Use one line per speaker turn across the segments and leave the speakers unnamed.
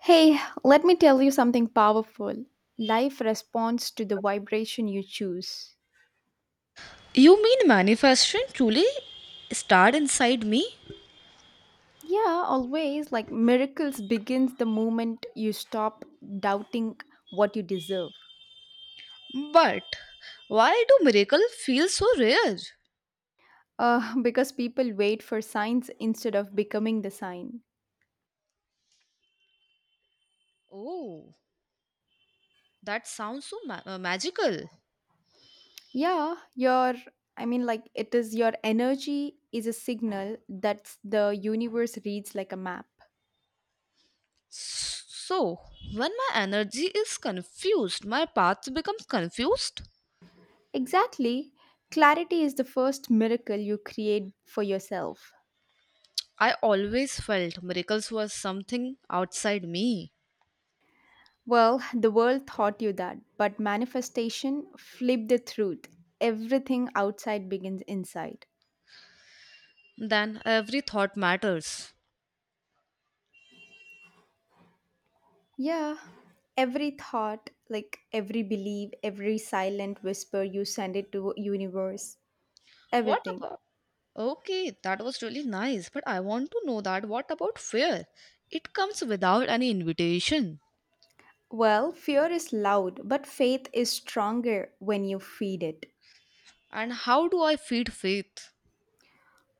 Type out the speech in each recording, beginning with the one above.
Hey, let me tell you something powerful. Life responds to the vibration you choose.
You mean manifestation truly started inside me?
Yeah, always like miracles begins the moment you stop doubting what you deserve.
But why do miracle feel so rare?
Because people wait for signs instead of becoming the sign.
Oh, that sounds so magical.
Yeah, your it is your energy is a signal that the universe reads like a map.
So, when my energy is confused, my path becomes confused.
Exactly. Clarity is the first miracle you create for yourself.
I always felt miracles were something outside me.
Well, the world taught you that, but manifestation flipped the truth. Everything outside begins inside.
Then every thought matters.
Yeah, every thought, like every belief, every silent whisper you send it to universe,
What
everything.
about? Okay, that was really nice, but I want to know that what about fear? It comes without any invitation.
Well, fear is loud, but faith is stronger when you feed it.
And how do I feed faith?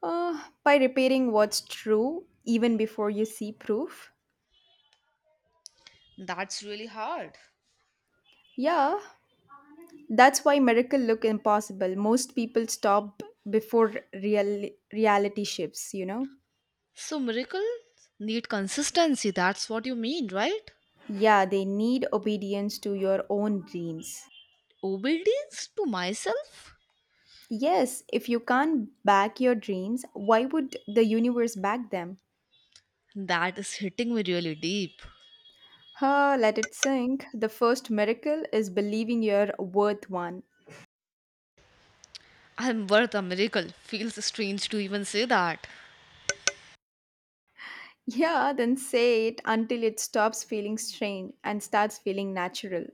By repeating what's true even before you see proof.
That's really hard.
Yeah, that's why miracle look impossible. Most people stop before real reality shifts,
So miracles need consistency. That's what you mean, right?
Yeah, they need obedience to your own dreams.
Obedience to myself?
Yes, if you can't back your dreams, why would the universe back them?
That is hitting me really deep.
Huh, let it sink. The first miracle is believing you're worth one.
I am worth a miracle. Feels strange to even say that.
Yeah, then say it until it stops feeling strange and starts feeling natural.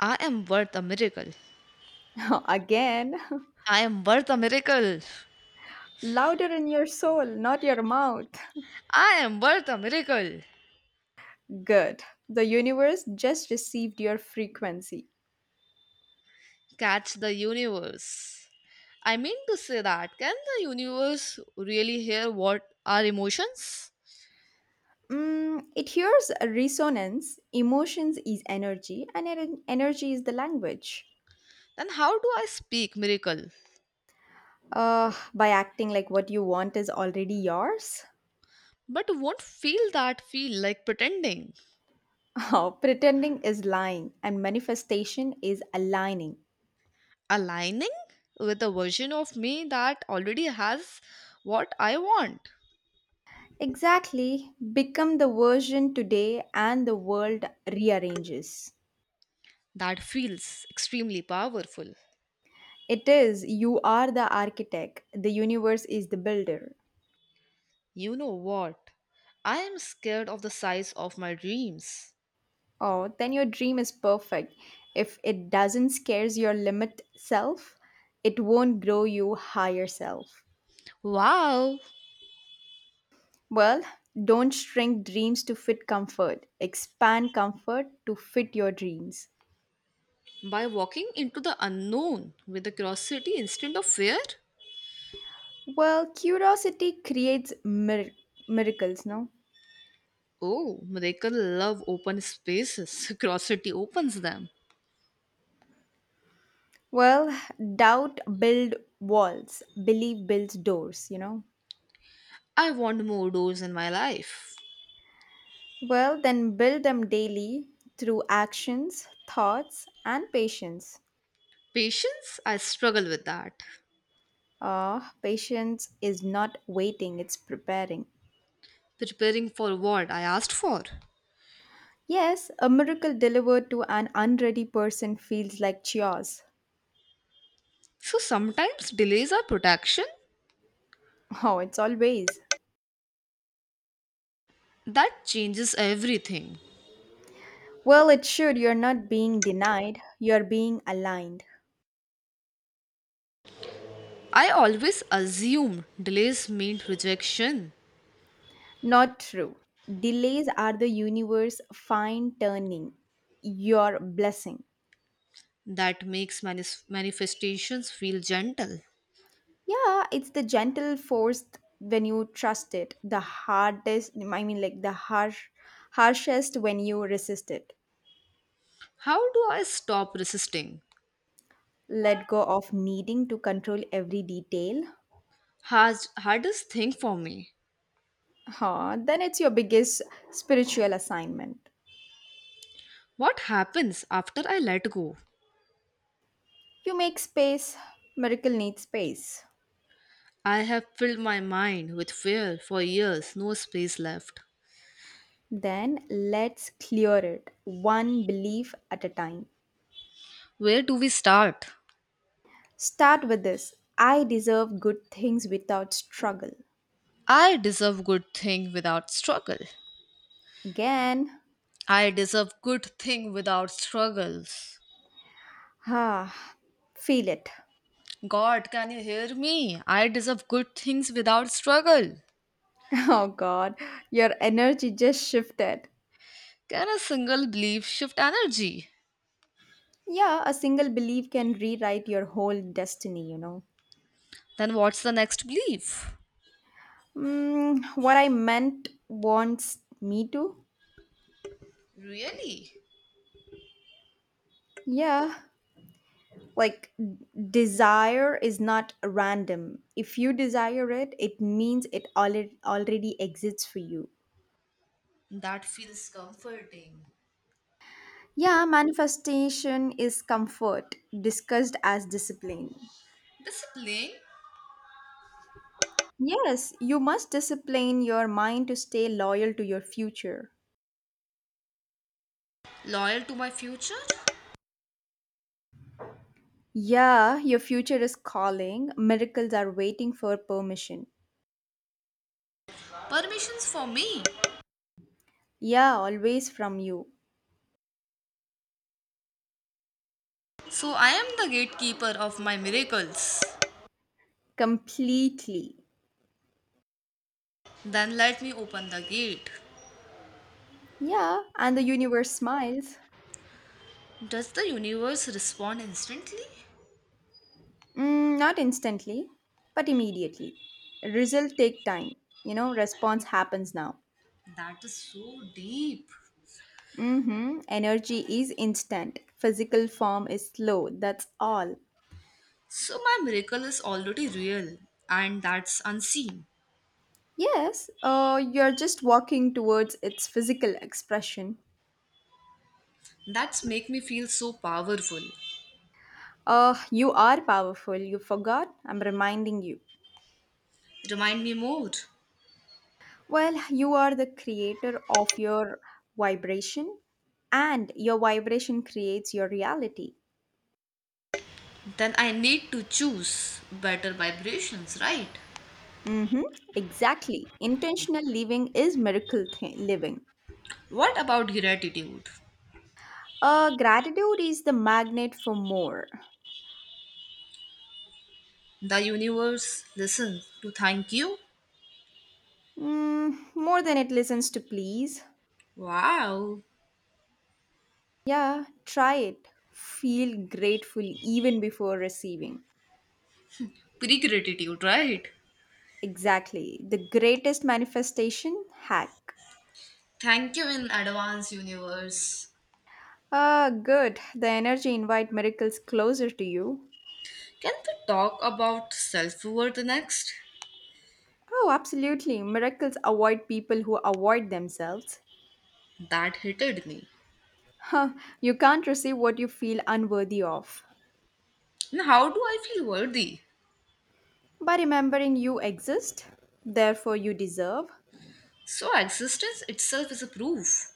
I am worth a miracle.
Again,
I am worth a miracle.
louder in your soul, not your mouth.
I am worth a miracle.
Good. The universe just received your frequency.
Catch the universe. I mean to say that can the universe really hear what are emotions?
Mm, it hears a resonance. Emotions is energy, and energy is the language.
Then how do I speak miracle?
By acting like what you want is already yours.
But won't feel that feel like pretending,
Oh, pretending is lying, and manifestation is aligning.
aligning with a version of me that already has what I want.
Exactly. Become the version today, and the world rearranges.
That feels extremely powerful.
It is you are the architect, the universe is the builder.
You know what? I am scared of the size of my dreams.
Oh, then your dream is perfect. If it doesn't scares your limit self, it won't grow you higher self.
Wow.
Well, don't shrink dreams to fit comfort. Expand comfort to fit your dreams.
By walking into the unknown with a curiosity instead of fear?
Well, curiosity creates miracles, no?
Oh, miracle love open spaces. Curiosity opens them.
Well, doubt build walls, belief builds doors,
I want more doors in my life.
Well, then build them daily through actions, thoughts, and patience.
Patience, I struggle with that.
Ah, patience is not waiting, it's preparing.
Preparing for what I asked for.
Yes, a miracle delivered to an unready person feels like chores.
So sometimes delays are protection.
Oh, it's always.
That changes everything.
Well, it should. You're not being denied, you're being aligned.
I always assume delays mean rejection.
Not true. Delays are the universe fine turning your blessing.
That makes manifestations feel gentle.
Yeah, it's the gentle force when you trust it, the hardest, the harsh, harshest when you resist it.
How do I stop resisting?
Let go of needing to control every detail.
Has hardest thing for me.
Huh, then it's your biggest spiritual assignment.
What happens after I let go?
You make space, miracle needs space.
I have filled my mind with fear for years, no space left.
Then let's clear it one belief at a time.
Where do we start?
Start with this: I deserve good things without struggle.
I deserve good thing without struggle.
Again,
I deserve good thing without struggles.
ah, feel it.
God, can you hear me? I deserve good things without struggle.
Oh God, your energy just shifted.
Can a single belief shift energy?
Yeah, a single belief can rewrite your whole destiny,
Then what's the next belief?
Mm, what I meant wants me to?
Really?
Yeah. Like, d- Desire is not random. If you desire it, it means it already exists for you.
That feels comforting.
Yeah, manifestation is comfort, discussed as discipline.
Discipline.
Yes, you must discipline your mind to stay loyal to your future.
Loyal to my future,
Yeah, your future is calling. Miracles are waiting for permission.
permissions for me.
Yeah, always from you.
So I am the gatekeeper of my miracles.
Completely.
Then let me open the gate.
Yeah, and the universe smiles.
Does the universe respond instantly?
Mm, not instantly, but immediately. Result take time. Response happens now.
That is so deep.
Mm-hmm. Energy is instant. Physical form is slow. That's all.
So my miracle is already real and that's unseen.
Yes, you're just walking towards its physical expression.
That's make me feel so powerful.
You are powerful. You forgot. I'm reminding you.
Remind me more.
Well, you are the creator of your vibration, and your vibration creates your reality.
Then I need to choose better vibrations, right?
Mm-hmm. Exactly. Intentional living is miracle living.
What about gratitude?
Gratitude is the magnet for more.
The universe listens to thank you.
Mm, more than it listens to please.
Wow.
Yeah, try it. Feel grateful even before receiving.
Pre gratitude, right?
Exactly. The greatest manifestation hack.
Thank you in advance, universe.
Ah, good. The energy invite miracles closer to you.
Can we talk about self worth next?
Oh, absolutely. Miracles avoid people who avoid themselves.
That hated me.
Huh. You can't receive what you feel unworthy of.
And how do I feel worthy?
By remembering you exist, therefore you deserve.
So, existence itself is a proof.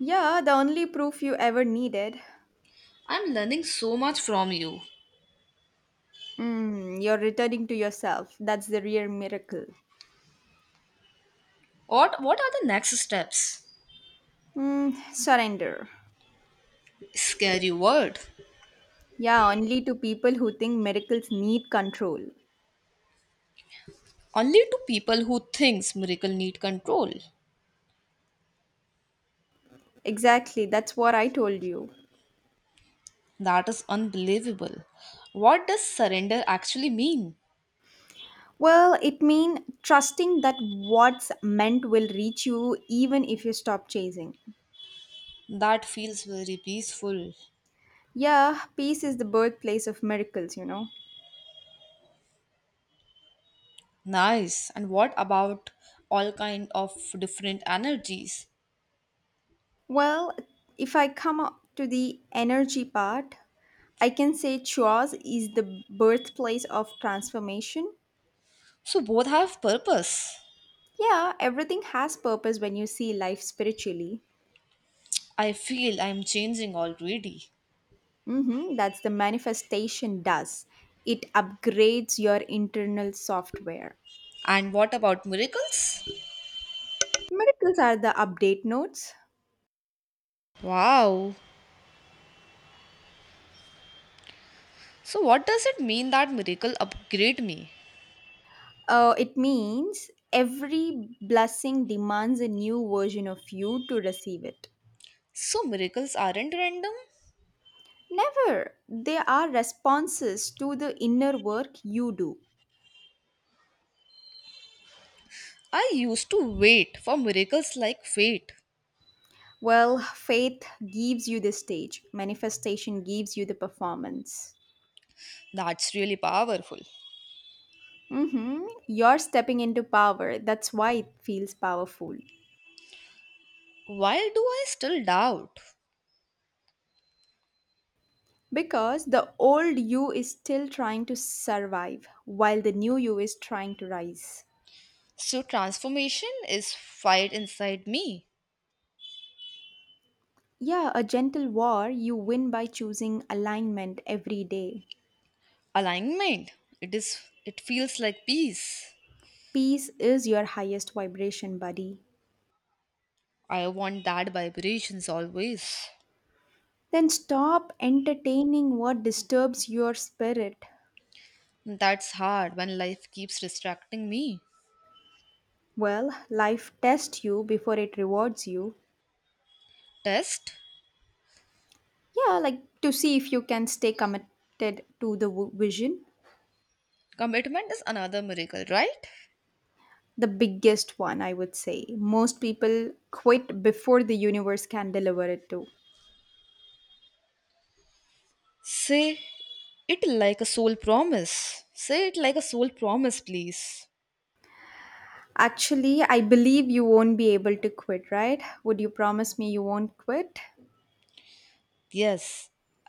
Yeah, the only proof you ever needed.
I'm learning so much from you.
Mm, you're returning to yourself. That's the real miracle.
What are the next steps?
Mm, surrender.
Scary word.
Yeah, only to people who think miracles need control.
Only to people who thinks miracle need control.
Exactly, that's what I told you.
That is unbelievable. What does surrender actually mean?
Well, it means trusting that what's meant will reach you even if you stop chasing.
That feels very peaceful.
Yeah, peace is the birthplace of miracles,
Nice. And what about all kind of different energies?
Well, if I come up to the energy part, I can say Chua's is the birthplace of transformation.
So both have purpose.
Yeah, everything has purpose when you see life spiritually.
I feel I'm changing already.
Hmm, that's the manifestation does. It upgrades your internal software.
And what about miracles?
Miracles are the update notes.
Wow. So what does it mean that miracle upgrade me?
It means every blessing demands a new version of you to receive it.
So miracles aren't random.
Never. They are responses to the inner work you do.
I used to wait for miracles like fate.
Well, faith gives you the stage, manifestation gives you the performance.
That's really powerful.
Mm-hmm. You're stepping into power. That's why it feels powerful.
Why do I still doubt?
Because the old you is still trying to survive, while the new you is trying to rise.
So transformation is fight inside me.
Yeah, a gentle war you win by choosing alignment every day.
Alignment, it is, it feels like peace.
Peace is your highest vibration, buddy.
I want that vibrations always.
Then stop entertaining what disturbs your spirit.
That's hard when life keeps distracting me.
Well, life tests you before it rewards you.
Test.
Yeah, like to see if you can stay committed to the vision.
Commitment is another miracle, right?
The biggest one, I would say. Most people quit before the universe can deliver it to.
Say it like a soul promise, say it like a soul promise, please.
Actually, I believe you won't be able to quit, right? Would you promise me you won't quit?
Yes,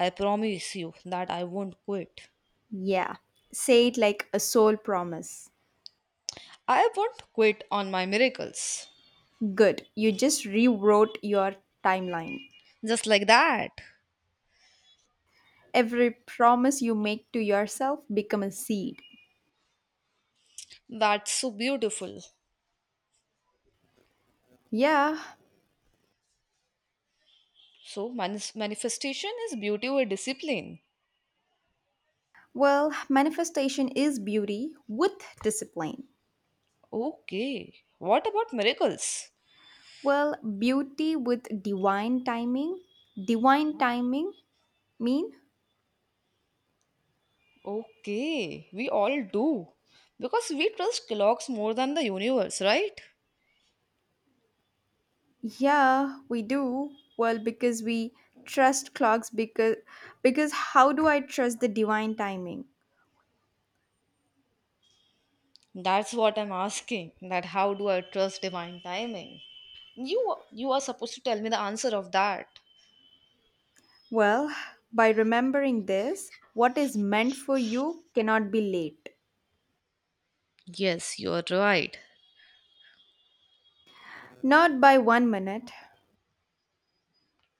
I promise you that I won't quit.
Yeah. Say it like a soul promise.
I won't quit on my miracles.
Good. You just rewrote your timeline.
Just like that.
Every promise you make to yourself become a seed.
That's so beautiful.
Yeah.
So, manifestation is beauty or discipline.
Well, manifestation is beauty with discipline.
Okay. What about miracles?
Well, beauty with divine timing. Divine timing mean?
Okay. We all do. Because we trust clocks more than the universe, right?
Yeah, we do. Well, because we trust clocks because how do I trust the divine timing?
That's what I'm asking. That how do I trust divine timing? You are supposed to tell me the answer of that.
Well, by remembering this: what is meant for you cannot be late.
Yes, you're right.
Not by one minute.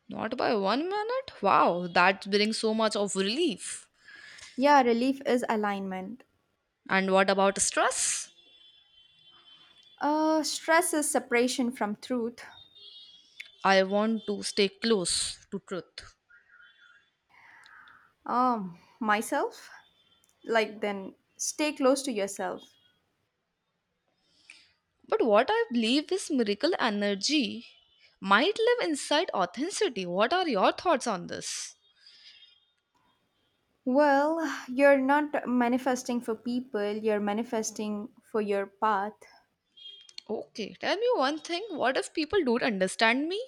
Not by 1 minute? Wow, that brings so much of relief.
Yeah, relief is alignment.
And what about stress?
Stress is separation from truth.
I want to stay close to truth.
Myself? Then stay close to yourself.
But what I believe is miracle energy might live inside authenticity. What are your thoughts on this?
Well, you're not manifesting for people, you're manifesting for your path.
Okay, tell me one thing. What if people don't understand me?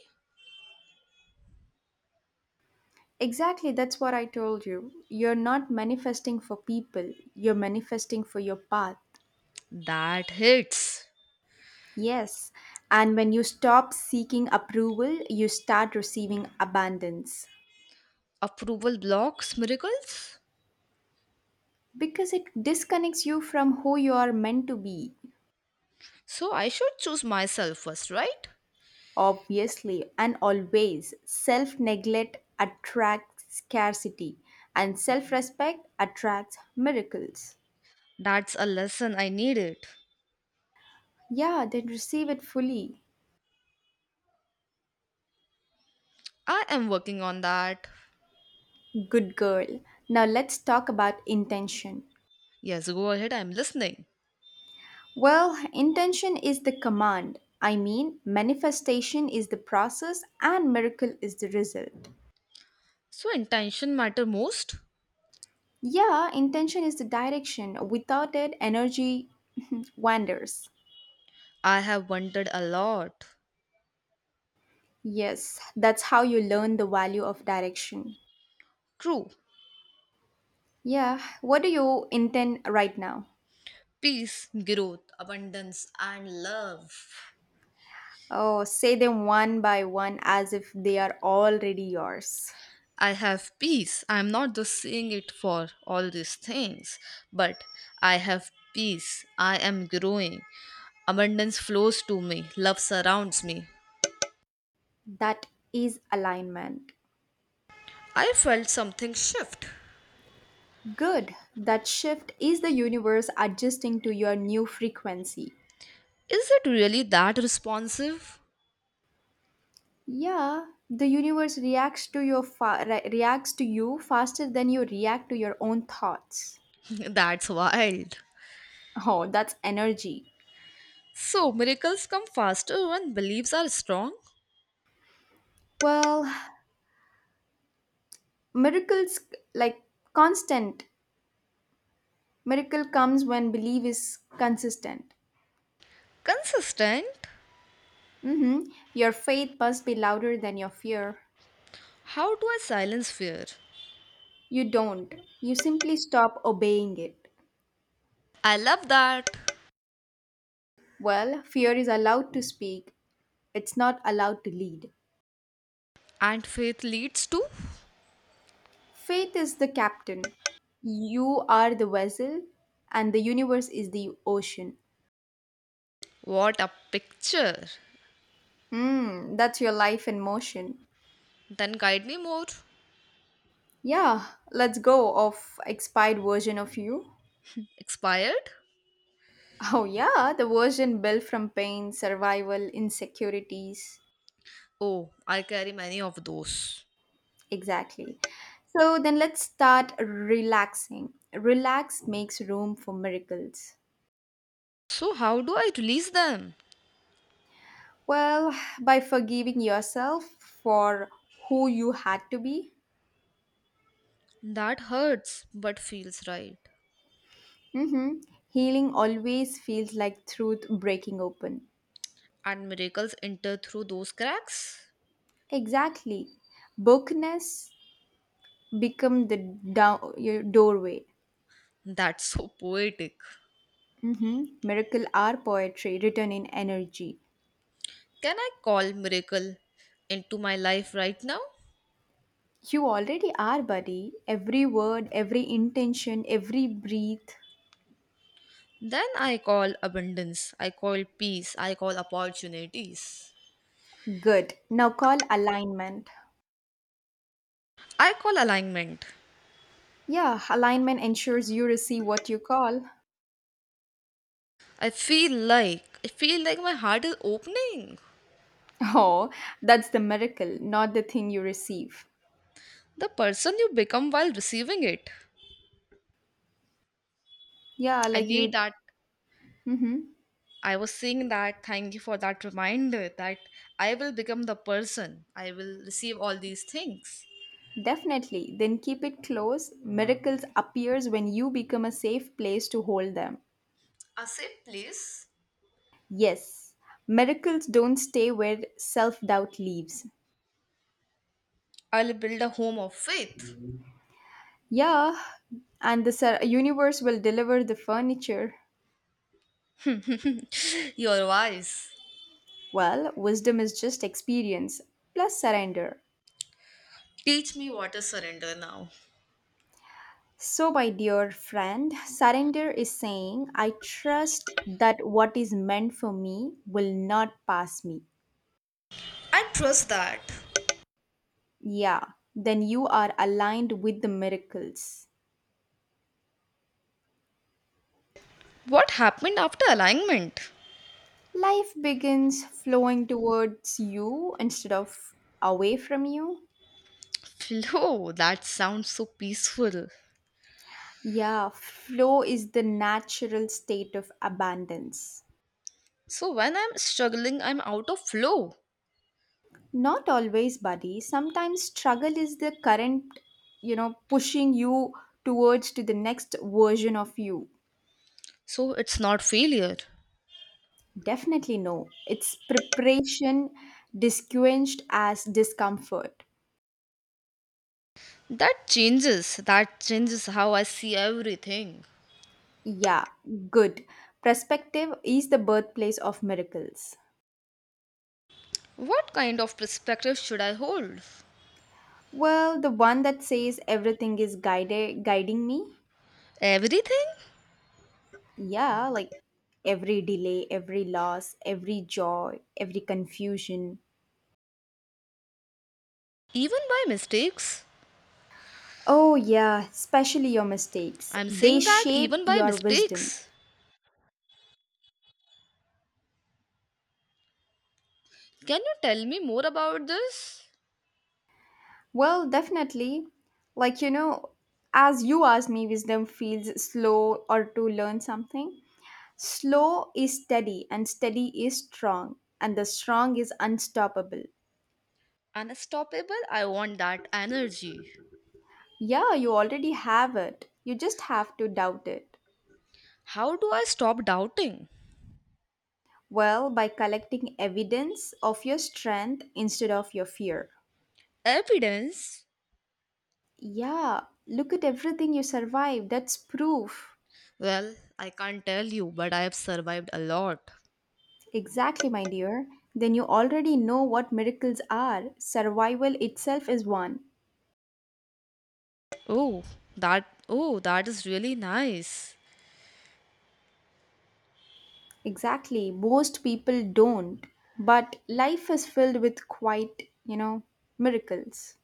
Exactly, that's what I told you. You're not manifesting for people, you're manifesting for your path.
That hits.
Yes, and when you stop seeking approval, you start receiving abundance,
Approval blocks miracles.
because it disconnects you from who you are meant to be.
So I should choose myself first, right?
Obviously, and always, self neglect attracts scarcity, and self respect attracts miracles.
That's a lesson I needed.
Yeah, then receive it fully.
I am working on that.
Good girl. Now let's talk about intention.
Yes, go ahead. I'm listening.
Well, intention is the command. Manifestation is the process, and miracle is the result.
So intention matter most.
Yeah, intention is the direction. Without it, energy wanders.
I have wondered a lot.
Yes, that's how you learn the value of direction.
True.
Yeah, what do you intend right now?
Peace, growth, abundance, and love.
Oh, say them one by one as if they are already yours.
I have peace. I'm not just saying it for all these things, but I have peace. I am growing. Abundance flows to me. Love surrounds me.
That is alignment.
I felt something shift.
Good. That shift is the universe adjusting to your new frequency.
Is it really that responsive?
Yeah, the universe reacts to your reacts to you faster than you react to your own thoughts.
That's wild.
Oh, that's energy.
So, miracles come faster when beliefs are strong?
Well, miracles like constant. Miracle comes when belief is consistent.
Consistent?
Hmm, your faith must be louder than your fear.
How do I silence fear?
You don't. You simply stop obeying it.
I love that.
Well, fear is allowed to speak, it's not allowed to lead.
And faith leads to?
Faith is the captain. You are the vessel, and the universe is the ocean.
What a picture!
Hmm, that's your life in motion.
Then guide me more.
Yeah, let's go of expired version of you.
Expired?
Oh yeah, the version built from pain, survival, insecurities.
Oh, I carry many of those.
Exactly. So then let's start relaxing. Relax makes room for miracles.
So, how do I release them?
Well, by forgiving yourself for who you had to be.
That hurts, but feels right.
Mm-hmm. Healing always feels like truth breaking open.
And miracles enter through those cracks?
Exactly. Bookness become the your doorway.
That's so poetic.
Mm-hmm. Miracle are poetry written in energy.
Can I call miracle into my life right now?
You already are, buddy. Every word, every intention, every breath.
Then I call abundance, I call peace, I call opportunities.
Good. Now call alignment.
I call alignment.
Yeah, alignment ensures you receive what you call.
I feel like my heart is opening.
Oh, that's the miracle, not the thing you receive.
The person you become while receiving it.
Yeah,
I
like
need
you.
that.
Hmm.
I was saying that. Thank you for that reminder that I will become the person. I will receive all these things.
Definitely. Then keep it close. Miracles appears when you become a safe place to hold them.
A safe place.
Yes, miracles don't stay where self-doubt leaves.
I'll build a home of faith.
Yeah, and the universe will deliver the furniture.
You're wise.
Well, wisdom is just experience plus surrender.
Teach me what is surrender now.
So, my dear friend, surrender is saying, I trust that what is meant for me will not pass me.
I trust that.
Yeah, then you are aligned with the miracles.
What happened after alignment?
Life begins flowing towards you instead of away from you.
Flow. That sounds so peaceful.
Yeah, flow is the natural state of abundance.
So when I'm struggling, I'm out of flow.
Not always, buddy. Sometimes struggle is the current, pushing you towards to the next version of you.
So it's not failure.
Definitely no. It's preparation disquenched as discomfort.
That changes. That changes how I see everything.
Yeah, good. Perspective is the birthplace of miracles.
What kind of perspective should I hold?
Well, the one that says everything is guided guiding me.
Everything?
Yeah, like every delay, every loss, every joy, every confusion.
Even by mistakes?
Oh yeah, especially your mistakes.
I'm
They
saying that
shape
even by
your wisdom.
mistakes. Can you tell me more about this?
Well, definitely. Like, you know, as you asked me, wisdom feels slow or to learn something. Slow is steady, and steady is strong, and the strong is unstoppable.
Unstoppable, I want that energy.
Yeah, you already have it. You just have to doubt it.
How do I stop doubting?
Well, by collecting evidence of your strength instead of your fear.
Evidence?
Yeah, look at everything you survived. That's proof.
Well, I can't tell you, but I have survived a lot.
Exactly, my dear. Then you already know what miracles are. Survival itself is one.
Oh, that, oh, that is really nice.
Exactly. Most people don't. But life is filled with quite, miracles.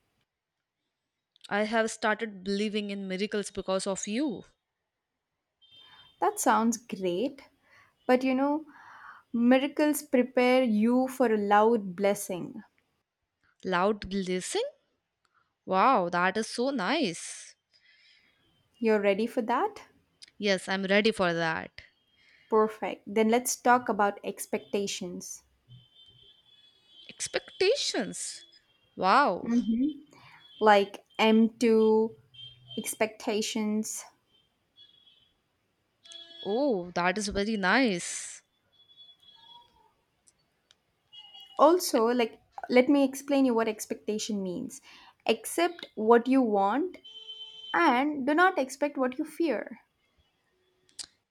I have started believing in miracles because of you.
That sounds great. But you know, miracles prepare you for a loud blessing.
Loud blessing? Wow, that is so nice.
You're ready for that?
Yes, I'm ready for that.
Perfect. Then let's talk about expectations.
Expectations? Wow.
Hmm. Like M2 expectations.
Oh, that is very nice.
Also, let me explain you what expectation means. Accept what you want, and do not expect what you fear.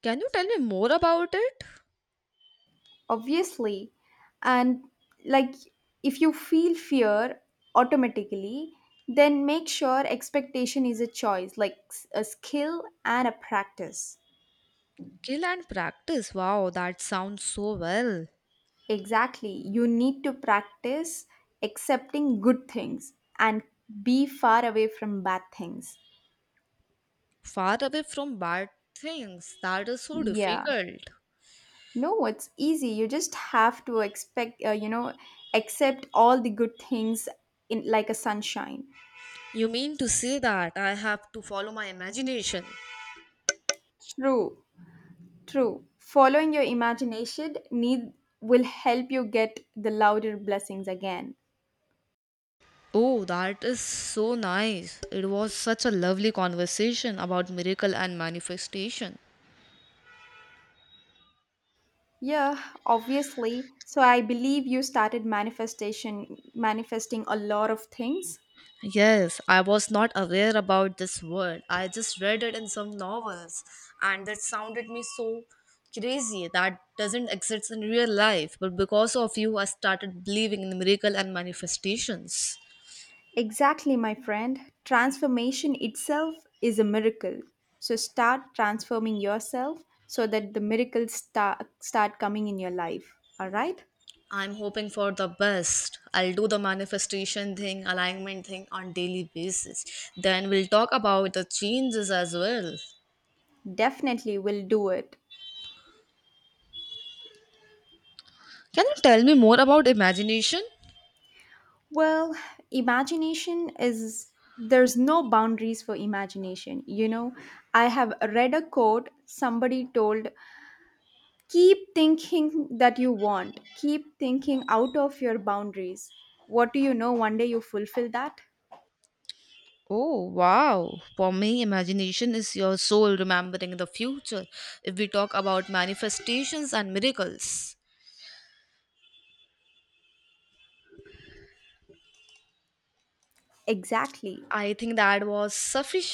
Can you tell me more about it?
Obviously. And, like if you feel fear automatically, then make sure expectation is a choice, like a skill and a practice.
Skill and practice. Wow, that sounds so well.
Exactly, you need to practice accepting good things and be far away from bad things.
Far away from bad things. That is so
Yeah,
difficult.
no, it's easy. You just have to expect, accept all the good things in, like, a sunshine.
You mean to say that I have to follow my imagination?
True, true. Following your imagination need will help you get the louder blessings again.
Oh, that is so nice. It was such a lovely conversation about miracle and manifestation.
Yeah, obviously. So I believe you started manifestation manifesting a lot of things.
Yes, I was not aware about this word. I just read it in some novels and that sounded me so crazy that doesn't exist in real life. But because of you, I started believing in miracle and manifestations.
Exactly, my friend. Transformation itself is a miracle. So start transforming yourself so that the miracles start coming in your life. All right?
I'm hoping for the best. I'll do the manifestation thing, alignment thing on daily basis. Then we'll talk about the changes as well.
Definitely will do it.
Can you tell me more about imagination?
Well, imagination is there's no boundaries for imagination. You know, I have read a quote somebody told keep thinking that you want, keep thinking out of your boundaries. What do you know? One day you fulfill that.
Oh, wow. For me, imagination is your soul remembering the future. If we talk about manifestations and miracles,
Exactly.
I think that was sufficient.